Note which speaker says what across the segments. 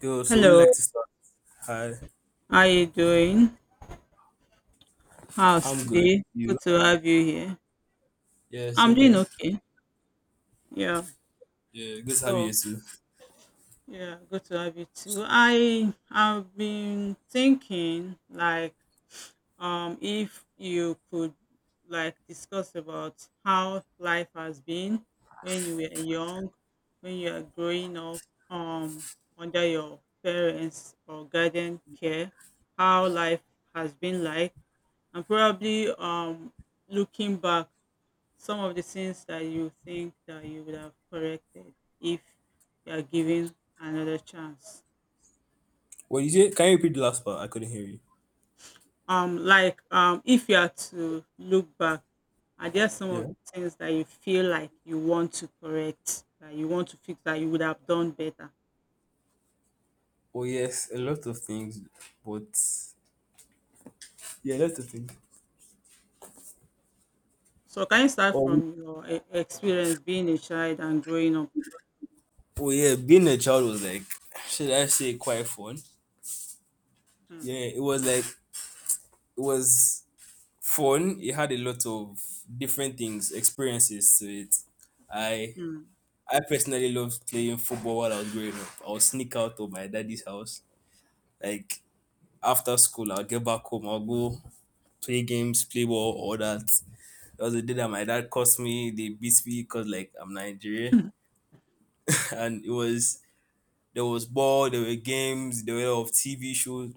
Speaker 1: Yo, so we
Speaker 2: Hello,
Speaker 1: like to start. Hi,
Speaker 2: how you doing? How's
Speaker 1: I'm good.
Speaker 2: today? Good
Speaker 1: You?
Speaker 2: to have you here.
Speaker 1: Yeah,
Speaker 2: I'm
Speaker 1: same
Speaker 2: doing
Speaker 1: here.
Speaker 2: okay. Yeah.
Speaker 1: Yeah, good to have you here
Speaker 2: So,
Speaker 1: too.
Speaker 2: yeah, good to have you too. I have been thinking like if you could like discuss about how life has been when you were young, when you are growing up um under your parents or guardian care, how life has been like, and probably looking back some of the things that you think that you would have corrected if you are given another chance.
Speaker 1: What did you say? Can you repeat the last part? I couldn't hear you.
Speaker 2: Like, if you are to look back, are there some of
Speaker 1: Yeah.
Speaker 2: the things that you feel like you want to correct, that you want to fix, that you would have done better?
Speaker 1: Oh yes, a lot of things, but yeah, a lot of things.
Speaker 2: So can you start
Speaker 1: Oh,
Speaker 2: from your experience being a child and growing up?
Speaker 1: oh yeah, being a child was like, should I say, quite fun?
Speaker 2: Hmm.
Speaker 1: Yeah, it was like it was fun. It had a lot of different things, experiences to it. I
Speaker 2: Hmm.
Speaker 1: I personally loved playing football while I was growing up. I would sneak out of my daddy's house. Like after school, I'll get back home. I'll go play games, play ball, all that. There was a day that my dad cursed me. They beat me because like I'm Nigerian, and it was there was ball, there were games, there were a lot of TV shows.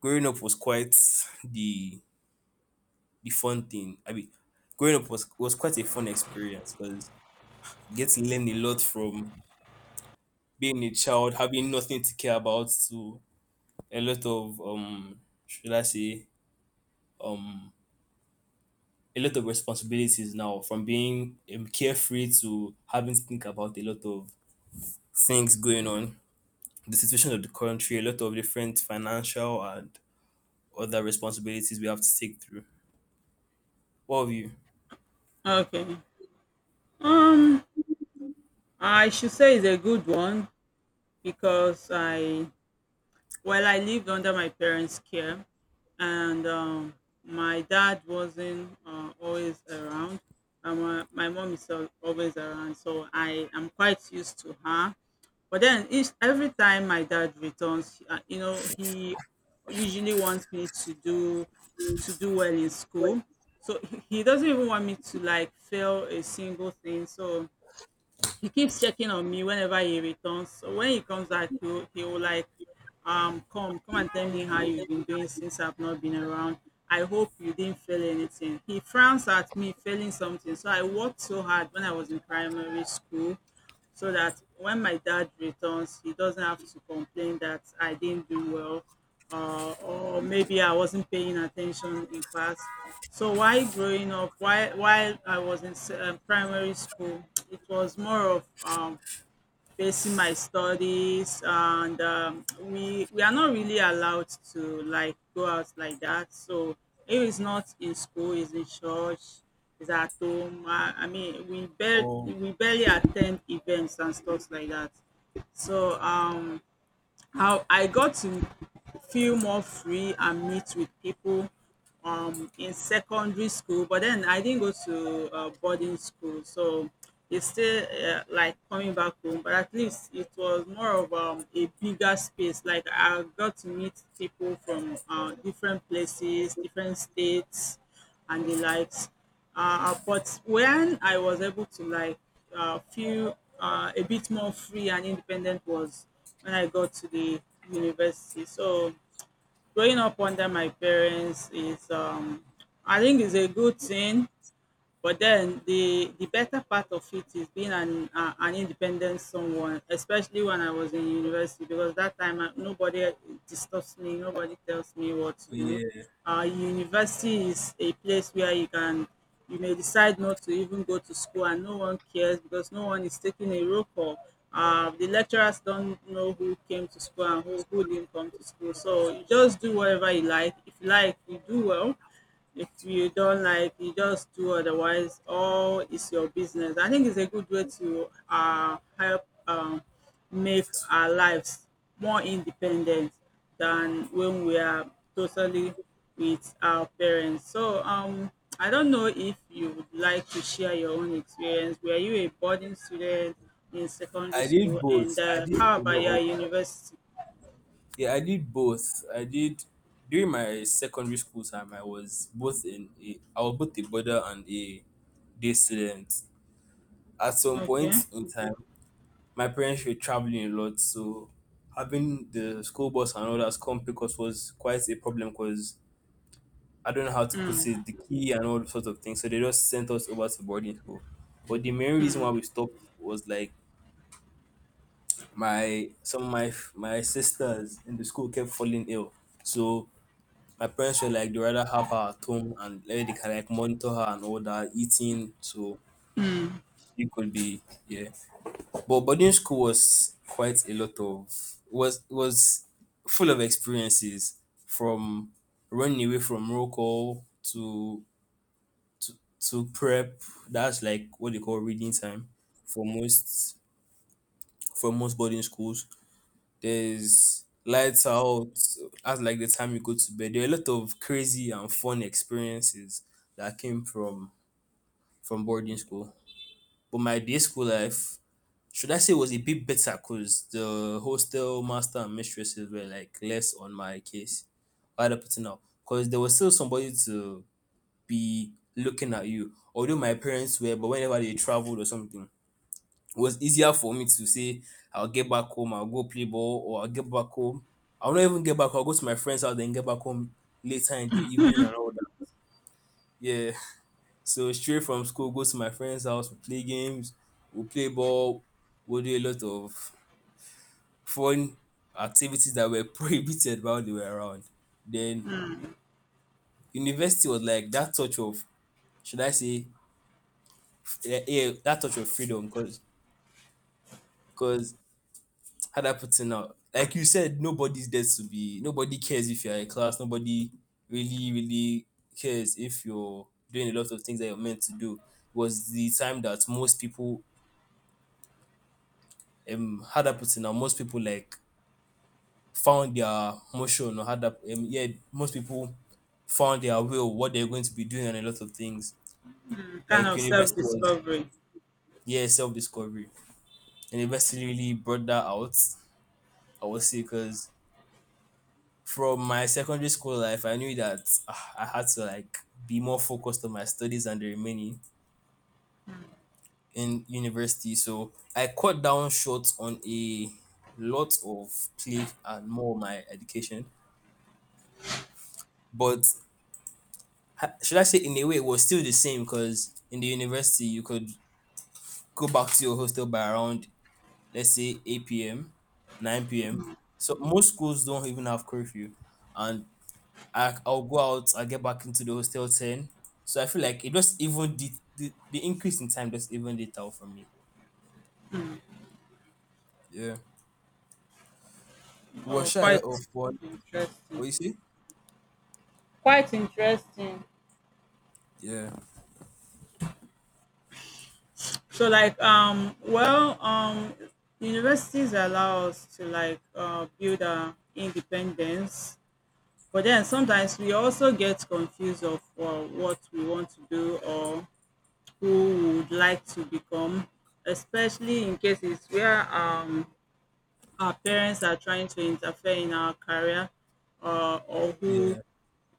Speaker 1: Growing up was quite the the fun thing. I mean, growing up was quite a fun experience because you get to learn a lot from being a child, having nothing to care about, to a lot of should I say um a lot of responsibilities now from being carefree to having to think about a lot of things going on, the situation of the country, a lot of different financial and other responsibilities we have to take through. What of you?
Speaker 2: Okay um I should say it's a good one because I well, I lived under my parents' care, and my dad wasn't always around. And my mom is always around, so I am quite used to her. But then every time my dad returns, you know, he usually wants me to do well in school. So he doesn't even want me to like fail a single thing. So he keeps checking on me whenever he returns. So when he comes back, he will like, come and tell me how you've been doing since I've not been around. I hope you didn't fail anything. He frowns at me failing something. So I worked so hard when I was in primary school so that when my dad returns, he doesn't have to complain that I didn't do well, or maybe I wasn't paying attention in class. So while growing up, while I was in primary school, it was more of facing my studies, and we are not really allowed to like go out like that. So if it's not in school, it's in church, it's at home. I mean,
Speaker 1: Oh,
Speaker 2: we barely attend events and stuff like that. So how I got to feel more free and meet with people in secondary school, but then I didn't go to boarding school, so it's still like coming back home. But at least it was more of a bigger space. Like I got to meet people from different places, different states, and the likes. But when I was able to like feel a bit more free and independent was when I got to the university. So growing up under my parents is, I think, is a good thing, but then the better part of it is being an independent someone, especially when I was in university, because that time nobody disturbs me, nobody tells me what to do.
Speaker 1: yeah.
Speaker 2: University is a place where you may decide not to even go to school, and no one cares because no one is taking a roll call. The lecturers don't know who came to school and who didn't come to school. So you just do whatever you like. If you like, you do well. If you don't like, you just do otherwise, all is your business. I think it's a good way to help make our lives more independent than when we are totally with our parents. So, I don't know if you would like to share your own experience. Were you a boarding student in secondary
Speaker 1: I did
Speaker 2: school, and
Speaker 1: both. I did
Speaker 2: how
Speaker 1: a
Speaker 2: about
Speaker 1: lot
Speaker 2: your
Speaker 1: of
Speaker 2: university?
Speaker 1: yeah. I did both. I did during my secondary school time. I was both in a, I was both a boarder and a day student. At some point
Speaker 2: Okay,
Speaker 1: in time, my parents were traveling a lot, so having the school bus and others come pick us was quite a problem because I don't know how to put it, the key and all sorts of things. So they just sent us over to boarding school. But the main reason why we stopped was like my some of my sisters in the school kept falling ill. So my parents were like they rather have her at home and let they can like monitor her and all that eating, so it could be, yeah. But boarding school was quite a lot of was full of experiences from running away from roll call to to, to prep. That's like what they call reading time for most for most boarding schools. There's lights out. That's like the time you go to bed. There are a lot of crazy and fun experiences that came from boarding school. But my day school life, should I say, it was a bit better because the hostel master and mistresses were like less on my case. Right up to now. Because there was still somebody to be looking at you. Although my parents were, but whenever they traveled or something, it was easier for me to say, I'll get back home, I'll go play ball, or I'll get back home. I'll not even get back, I'll go to my friend's house, then get back home later in the evening and all that. Yeah. So straight from school, go to my friend's house, we play games, we play ball, we do a lot of fun activities that were prohibited while they were around. Then university was like that touch of, should I say, yeah, yeah, that touch of freedom because because how that put it now, like you said, nobody's there to be, nobody cares if you're in class, nobody really cares if you're doing a lot of things that you're meant to do. Was the time that most people, how that put it now, most people like found their motion or had that yeah, most people found their way or what they're going to be doing and a lot of things
Speaker 2: kind
Speaker 1: like
Speaker 2: of self
Speaker 1: university was
Speaker 2: discovery.
Speaker 1: yeah self-discovery. University really brought that out, I would say, because from my secondary school life I knew that ah, I had to like be more focused on my studies and the remaining in university, so I cut down short on a lot of play and more of my education. But should I say, in a way it was still the same, because in the university you could go back to your hostel by around, let's say, 8 p.m., 9 p.m. So most schools don't even have curfew, and I'll go out, I'll get back into the hostel 10. So I feel like it just even did the increase in time just even it out for me. Yeah, we were
Speaker 2: Oh,
Speaker 1: shy a
Speaker 2: quite
Speaker 1: lot of fun.
Speaker 2: interesting.
Speaker 1: What you say?
Speaker 2: Quite interesting.
Speaker 1: Yeah,
Speaker 2: So like well, universities allow us to like build our independence, but then sometimes we also get confused of what we want to do, or who we would like to become, especially in cases where our parents are trying to interfere in our career, or who
Speaker 1: yeah,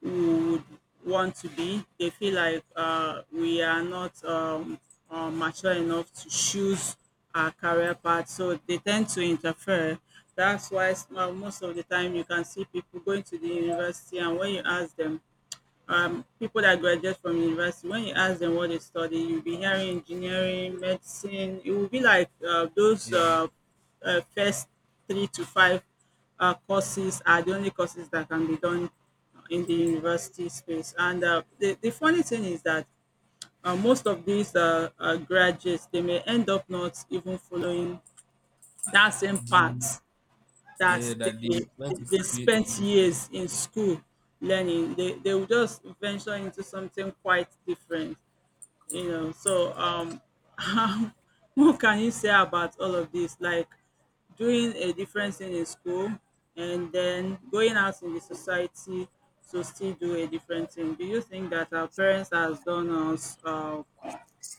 Speaker 2: we would want to be. They feel like we are not mature enough to choose our career path, so they tend to interfere. That's why most of the time you can see people going to the university, and when you ask them, people that graduate from university, when you ask them what they study, you'll be hearing engineering, medicine. It will be like those
Speaker 1: yeah.
Speaker 2: first three to five courses are the only courses that can be done in the university space. And the funny thing is that most of these graduates, they may end up not even following that same
Speaker 1: The
Speaker 2: path
Speaker 1: yeah
Speaker 2: that
Speaker 1: that they
Speaker 2: they,
Speaker 1: went to
Speaker 2: they
Speaker 1: study in the
Speaker 2: spent
Speaker 1: university.
Speaker 2: years in school learning. They will just venture into something quite different, you know. So, what can you say about all of this? Like doing a different thing in school and then going out in the society to still do a different thing. Do you think that our parents has done us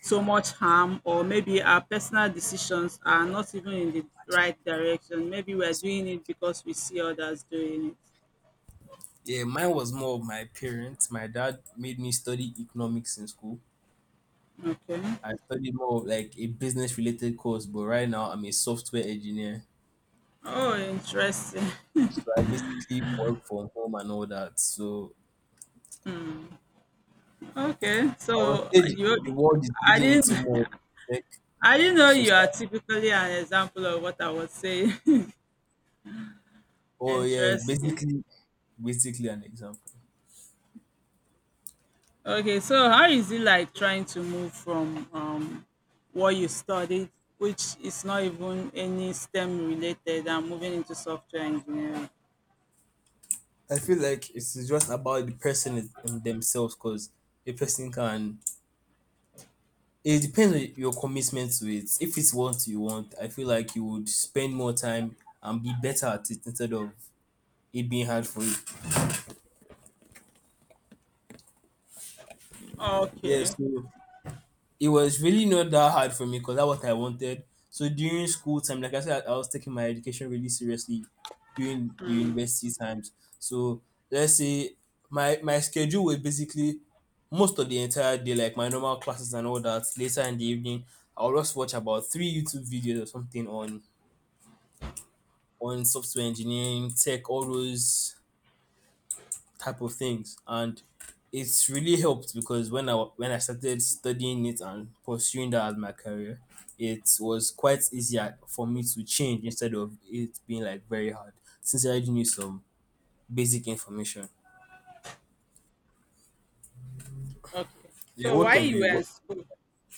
Speaker 2: so much harm, or maybe our personal decisions are not even in the right
Speaker 1: I know.
Speaker 2: direction, maybe we're doing it because we see others doing
Speaker 1: Yeah, mine was more of my parents. My dad made me study economics in school.
Speaker 2: it? Okay.
Speaker 1: I studied more of like a business related course, but right now I'm a software engineer.
Speaker 2: Oh, interesting.
Speaker 1: So I basically work from home and all that. So
Speaker 2: Okay,
Speaker 1: I would
Speaker 2: so
Speaker 1: say
Speaker 2: you—
Speaker 1: the world is
Speaker 2: i
Speaker 1: leading
Speaker 2: didn't
Speaker 1: into more tech
Speaker 2: I didn't know you are
Speaker 1: society.
Speaker 2: typically an example of what I was saying.
Speaker 1: Oh yeah,
Speaker 2: Interesting.
Speaker 1: basically an example.
Speaker 2: Okay, so how is it like trying to move from what you studied, which is not even any STEM related, and moving into software engineering?
Speaker 1: I feel like it's just about the person in themselves because a person can. It depends on your commitment to it. If it's what you want, I feel like you would spend more time and be better at it instead of it being hard for you. Yeah,
Speaker 2: Okay,
Speaker 1: so it was really not that hard for me because that's what I wanted. So during school time, like I said, I was taking my education really seriously during the university times. So let's say my schedule was basically most of the entire day, like my normal classes and all that. Later in the evening, I'll just watch about three YouTube videos or something on software engineering, tech, all those type of things. And it's really helped because when I started studying it and pursuing that as my career, it was quite easier for me to change instead of it being like very hard. Since I already knew some basic information.
Speaker 2: okay.
Speaker 1: Yeah,
Speaker 2: So
Speaker 1: what
Speaker 2: while
Speaker 1: of
Speaker 2: you
Speaker 1: you?
Speaker 2: were in
Speaker 1: What?
Speaker 2: school,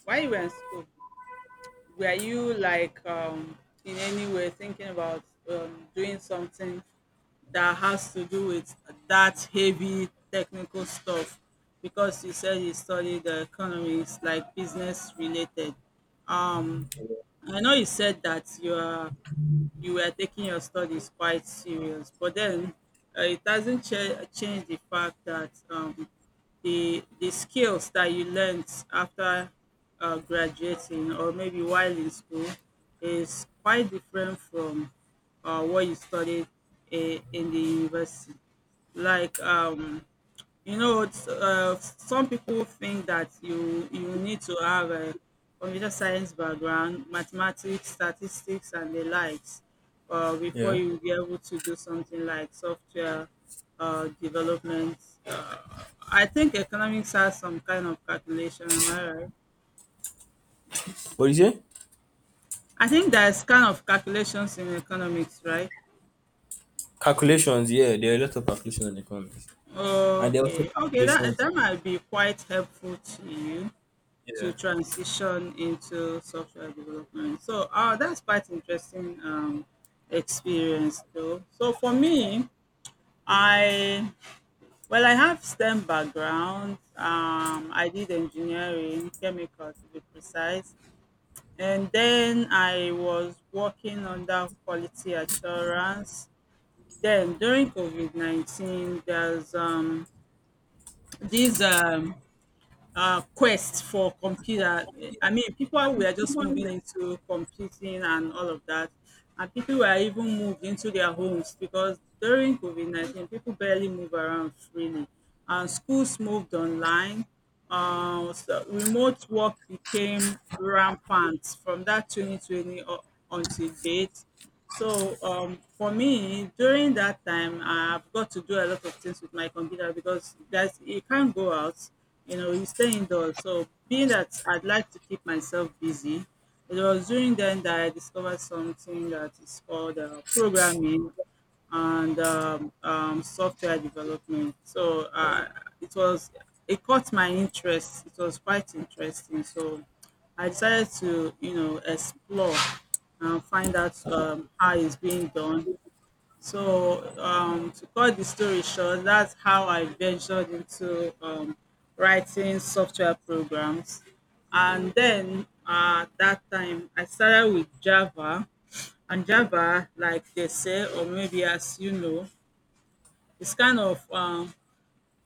Speaker 2: while you were in school, were you like in any way thinking about doing something that has to do with that heavy technical stuff? Because you said you studied the economics, like business related. I know you said that you were taking your studies quite serious. But then it doesn't change the fact that the skills that you learned after graduating, or maybe while in school, is quite different from what you studied in the university. Like you know, some people think that you need to have a computer science background, mathematics, statistics, and the likes, before
Speaker 1: Yeah.
Speaker 2: you be able to do something like software development. I think economics has some kind of calculation. Am I right?
Speaker 1: What do you say?
Speaker 2: I think there's kind of calculations in economics, right?
Speaker 1: Calculations. Yeah, there are a lot of calculations in economics, and there are also
Speaker 2: Okay, okay, that
Speaker 1: calculations. In-
Speaker 2: might be quite helpful to you,
Speaker 1: Yeah.
Speaker 2: to transition into software development. So that's quite interesting, experience though. So for me, I well, I have STEM background. I did engineering, chemical to be precise, and then I was working under quality assurance. Then during COVID 19, there's these quest for computer. I mean, people were just moving into computing and all of that, and people were even moved into their homes because during COVID 19, people barely move around freely, and schools moved online. So remote work became rampant from that 2020 until date. So for me, during that time, I've got to do a lot of things with my computer because guys, you can't go out. You know, you stay indoors. So being that I'd like to keep myself busy, it was during then that I discovered something that is called programming and software development. So it was it caught my interest. It was quite interesting. So I decided to, you know, explore and find out how it's being done. So to cut the story short, that's how I ventured into writing software programs. And then that time I started with Java. And Java, like they say, or maybe as you know, it's kind of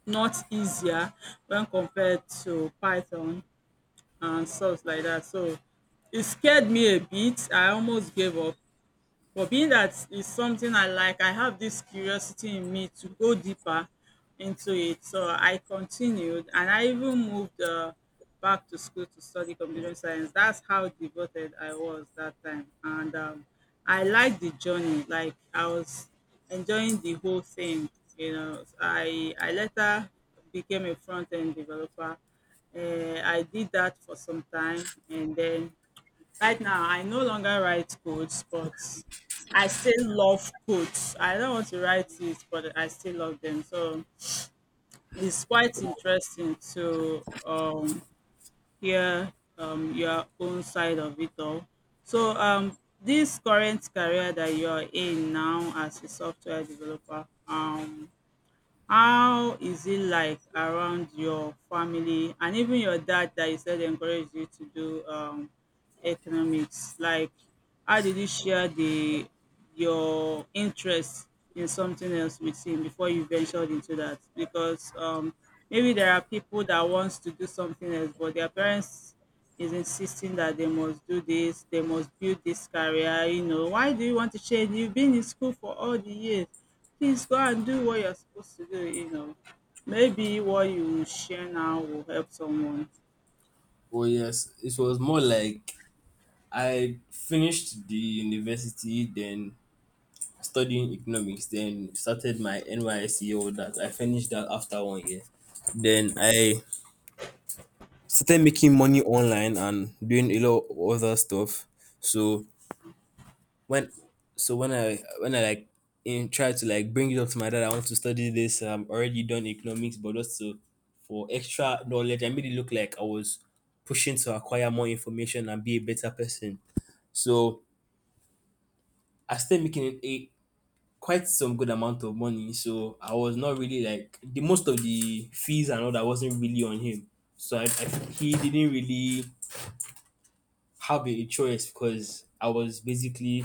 Speaker 2: not easier when compared to Python and stuff like that. So it scared me a bit. I almost gave up. But being that is something I like, I have this curiosity in me to go deeper into it. So I continued and I even moved back to school to study computer science. That's how devoted I was that time. And I liked the journey. Like I was enjoying the whole thing. You know, I later became a front end developer. I did that for some time and then right now, I no longer write codes, but I still love codes. I don't want to write it, but I still love them. So it's quite interesting to hear your own side of it all. So this current career that you're in now as a software developer, how is it like around your family and even your dad that you said encouraged you to do economics? Like, how did you share the your interest in something else with him before you ventured into that? Because Maybe there are people that wants to do something else, but their parents is insisting that they must do this, they must build this career. You know, why do you want to change? You've been in school for all the years. Please go and do what you're supposed to do, you know. Maybe what you share now will help someone.
Speaker 1: Well, yes, it was more like I finished the university, then studying economics, then started my NYSE, all that. I finished that after 1 year. Then I started making money online and doing a lot of other stuff. So when so when I like in tried to like bring it up to my dad, I want to study this. I'm already done economics, but just to for extra knowledge, I made it look like I was pushing to acquire more information and be a better person. So I started making quite some good amount of money. So I was not really like the most of the fees and all that wasn't really on him. So he didn't really have a choice because I was basically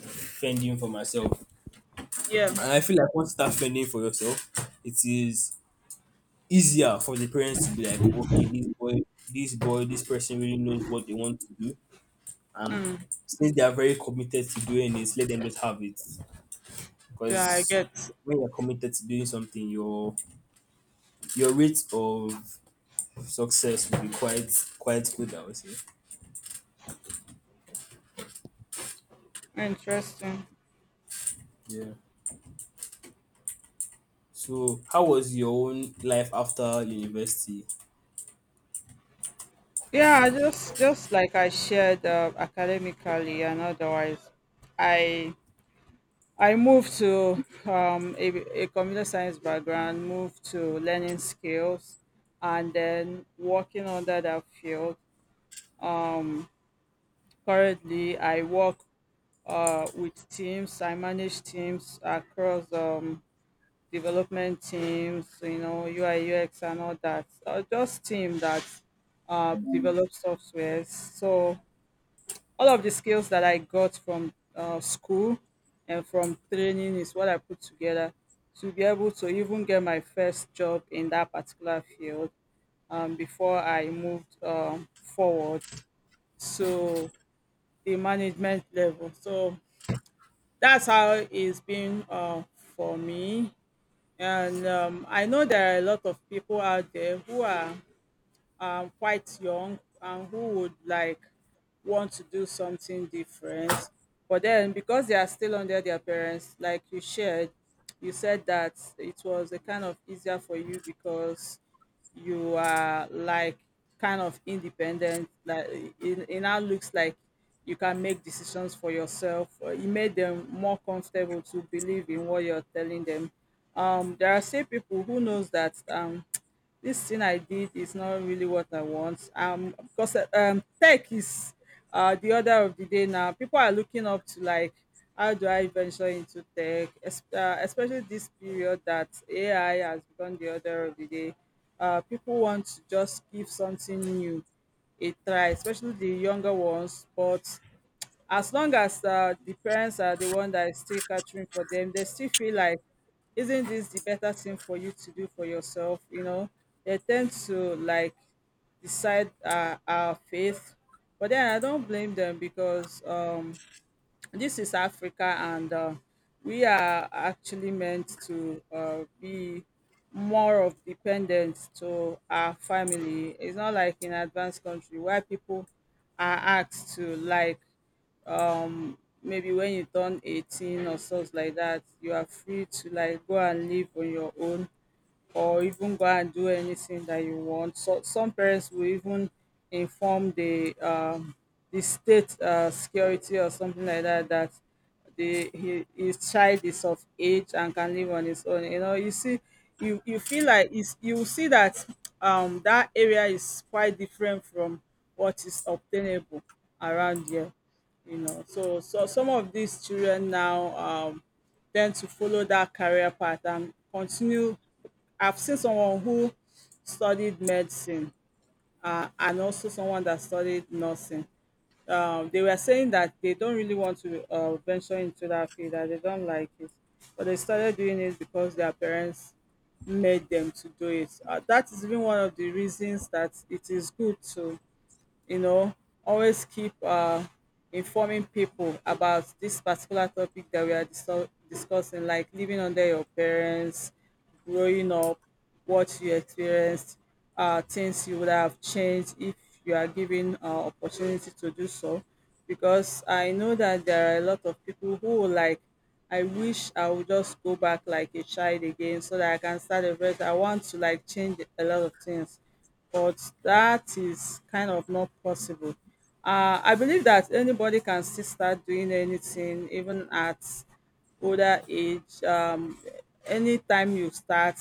Speaker 1: fending for myself.
Speaker 2: Yeah.
Speaker 1: And I feel like once you start fending for yourself, it is easier for the parents to be like, okay, this boy, this person really knows what they want to do. And
Speaker 2: Mm,
Speaker 1: since they are very committed to doing it, let them just have it.
Speaker 2: yeah, I
Speaker 1: Because
Speaker 2: get.
Speaker 1: when you're committed to doing something, you're your rate of success will be quite good, I would say.
Speaker 2: Interesting.
Speaker 1: Yeah. So, how was your own life after university?
Speaker 2: Yeah, I just like I shared, academically and otherwise, I I moved to a computer science background, moved to learning skills, and then working under that field. Um, Currently, I work with teams. I manage teams across development teams, you know, UI, UX, and all that. Just team that develop softwares. So all of the skills that I got from school and from training is what I put together to be able to even get my first job in that particular field before I moved forward to the management level. So that's how it's been, for me. And I know there are a lot of people out there who are, quite young and who would like want to do something different. But then because they are still under their parents, like you shared, you said that it was a kind of easier for you because you are like kind of independent like it now looks like you can make decisions for yourself. It made them more comfortable to believe in what you're telling them. There are still people who knows that, this thing I did is not really what I want. Because tech is the order of the day now. People are looking up to like, how do I venture into tech? Especially this period that AI has become the order of the day. People want to just give something new a try, especially the younger ones. But as long as, the parents are the one that is still catering for them, they still feel like, isn't this the better thing for you to do for yourself? You know, they tend to like decide, our faith. But then I don't blame them because, this is Africa and, we are actually meant to, be more of dependence to our family. It's not like in advanced country where people are asked to like maybe when you turn 18 or stuff like that, you are free to like go and live on your own or even go and do anything that you want. So some parents will even inform the state, security or something like that, that his child is of age and can live on his own. You know, you see, you feel like it's, you will see that that area is quite different from what is obtainable around here. You know, so some of these children now tend to follow that career path and continue. I've seen someone who studied medicine, and also someone that studied nursing. They were saying that they don't really want to, venture into that field, that they don't like it, but they started doing it because their parents made them to do it. That is even one of the reasons that it is good to, you know, always keep, informing people about this particular topic that we are discussing, like living under your parents, growing up, what you experienced, things you would have changed if you are given, opportunity to do so. Because I know that there are a lot of people who would like, I wish I would just go back like a child again so that I can start a fresh. I want to like change a lot of things, but that is kind of not possible. I believe that anybody can still start doing anything, even at older age. Anytime you start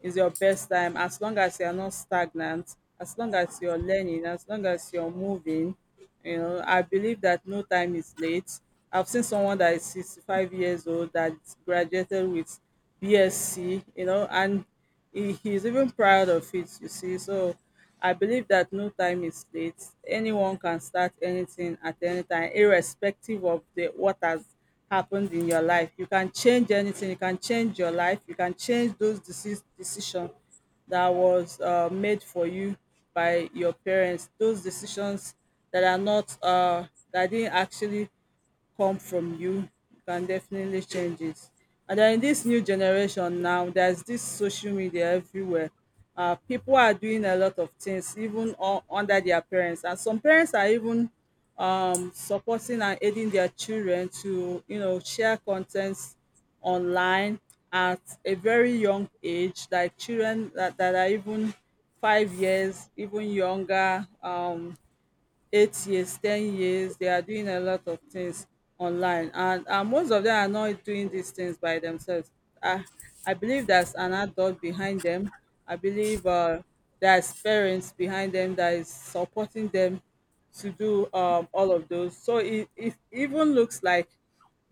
Speaker 2: is your best time, as long as you are not stagnant, as long as you're learning, as long as you're moving, you know. I believe that no time is late. I've seen someone that is 65 years old that graduated with bsc, you know, and he's even proud of it, you see. So I believe that no time is late, anyone can start anything at any time irrespective of the what has happened in your life. You can change anything, you can change your life, you can change those decisions that was, made for you by your parents, those decisions that are not, that didn't actually come from you, can definitely change it. And then in this new generation now, there's this social media everywhere. People are doing a lot of things, even under their parents, and some parents are even, supporting and aiding their children to, you know, share contents online at a very young age, like children that are even 5 years, even younger. 8 years, 10 years, they are doing a lot of things online, and most of them are not doing these things by themselves. I i believe there's an adult behind them. I believe, there's parents behind them that is supporting them to do, all of those. So it even looks like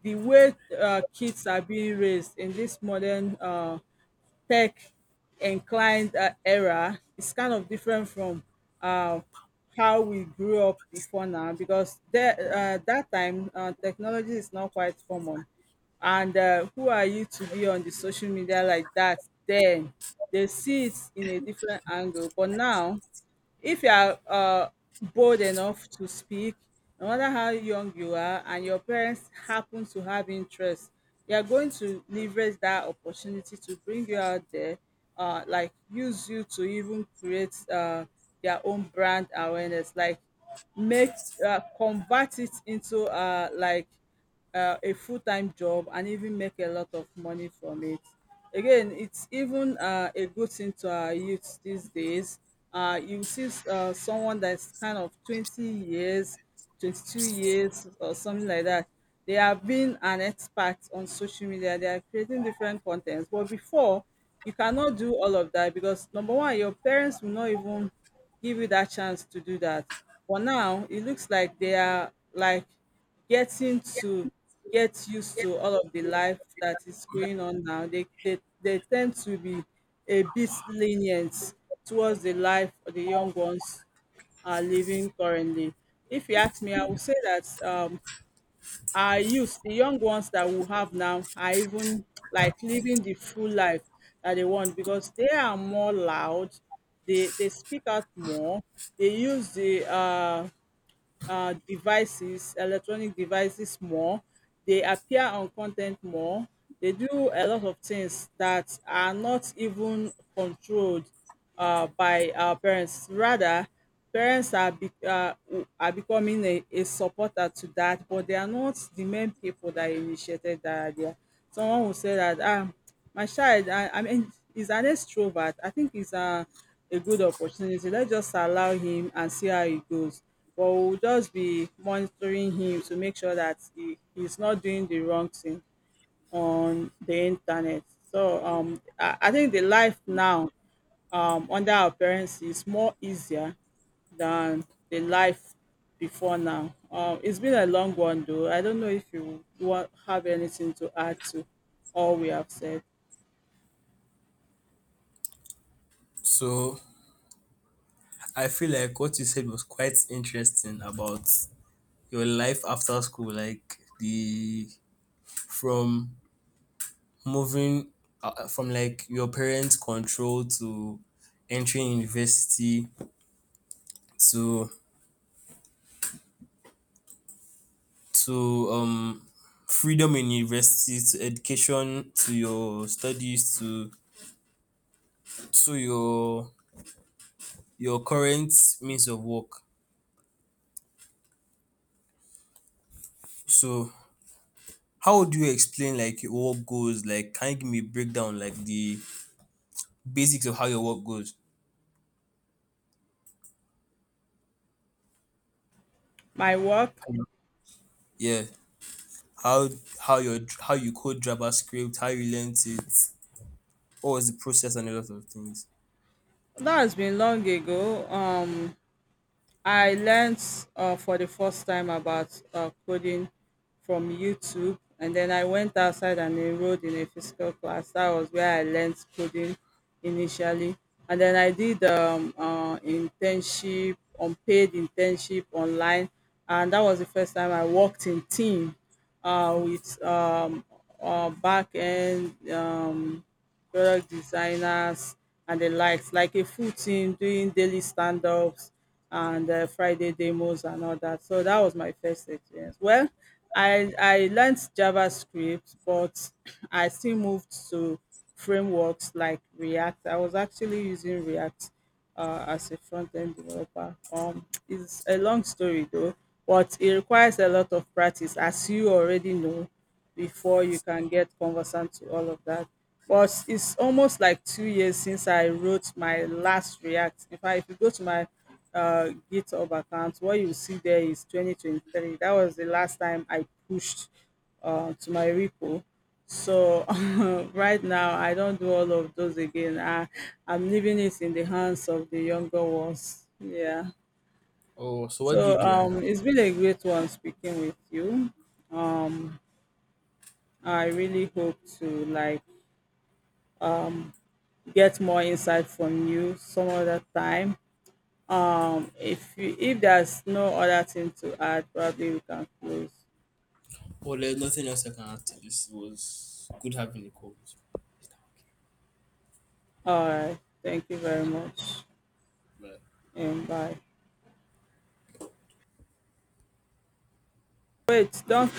Speaker 2: the way, kids are being raised in this modern, tech inclined, era is kind of different from, uh, how we grew up before now. Because there, that time, technology is not quite common, and, who are you to be on the social media like that, then they see it in a different angle. But now, if you are, bold enough to speak, no matter how young you are, and your parents happen to have interest, they are going to leverage that opportunity to bring you out there, like use you to even create, their own brand awareness, like make, convert it into, a full-time job and even make a lot of money from it. Again, it's even, a good thing to our youth these days. You see, someone that's kind of 20 years, 22 years or something like that, they have been an expert on social media, they are creating different contents. But before, you cannot do all of that because number one, your parents will not even give you that chance to do that. But now it looks like they are like getting to get used to all of the life that is going on now. They they tend to be a bit lenient towards the life the young ones are living currently. If you ask me, I would say that, our youth, the young ones that we have now are even like living the full life that they want, because they are more loud, they speak out more, they use the devices, electronic devices more. They appear on content more. They do a lot of things that are not even controlled, by our parents. Rather, parents are are becoming a supporter to that, but they are not the main people that initiated that idea. Someone will say that ah my child, I mean, he's an extrovert. I think it's a good opportunity. Let's just allow him and see how it goes. But we'll just be monitoring him to make sure that he's not doing the wrong thing on the internet. So I think the life now, under our parents is more easier than the life before now. It's been a long one though. I don't know if you want have anything to add to all we have said.
Speaker 1: So I feel like what you said was quite interesting about your life after school, like the from moving from like your parents' control to entering university to to um freedom in university to education to your studies to to your your current means of work. So how would you explain like your work goes? Like, can you give me a breakdown, like the basics of how your work goes?
Speaker 2: My work.
Speaker 1: Yeah, how how your how you code JavaScript, how you learned it, what was the process, and a lot of things.
Speaker 2: That has been long ago. I learned, for the first time about, coding from YouTube, and then I went outside and enrolled in a physical class. That was where I learned coding initially, and then I did internship, unpaid internship online, and that was the first time I worked in team, with back end. Product designers and the likes, like a full team doing daily stand ups and, Friday demos and all that. So that was my first experience. Well, I learned JavaScript, but I still moved to frameworks like React. I was actually using React, as a front-end developer. It's a long story though, but it requires a lot of practice, as you already know, before you can get conversant to all of that. But it's almost like 2 years since I wrote my last React. In fact, if you go to my, GitHub account, what you see there is 2023. That was the last time I pushed, to my repo. So right now, I don't do all of those again. I, I'm leaving it in the hands of the younger ones. Yeah.
Speaker 1: Oh, so what do
Speaker 2: So
Speaker 1: you do right now?
Speaker 2: it's been a great one speaking with you. Um, I really hope to like get more insight from you some other time. If you, if there's no other thing to add, probably we can close.
Speaker 1: Well, there's nothing else I can add to this. It was good having a call with
Speaker 2: All right. Thank you very much.
Speaker 1: you. Bye.
Speaker 2: And bye. Wait, don't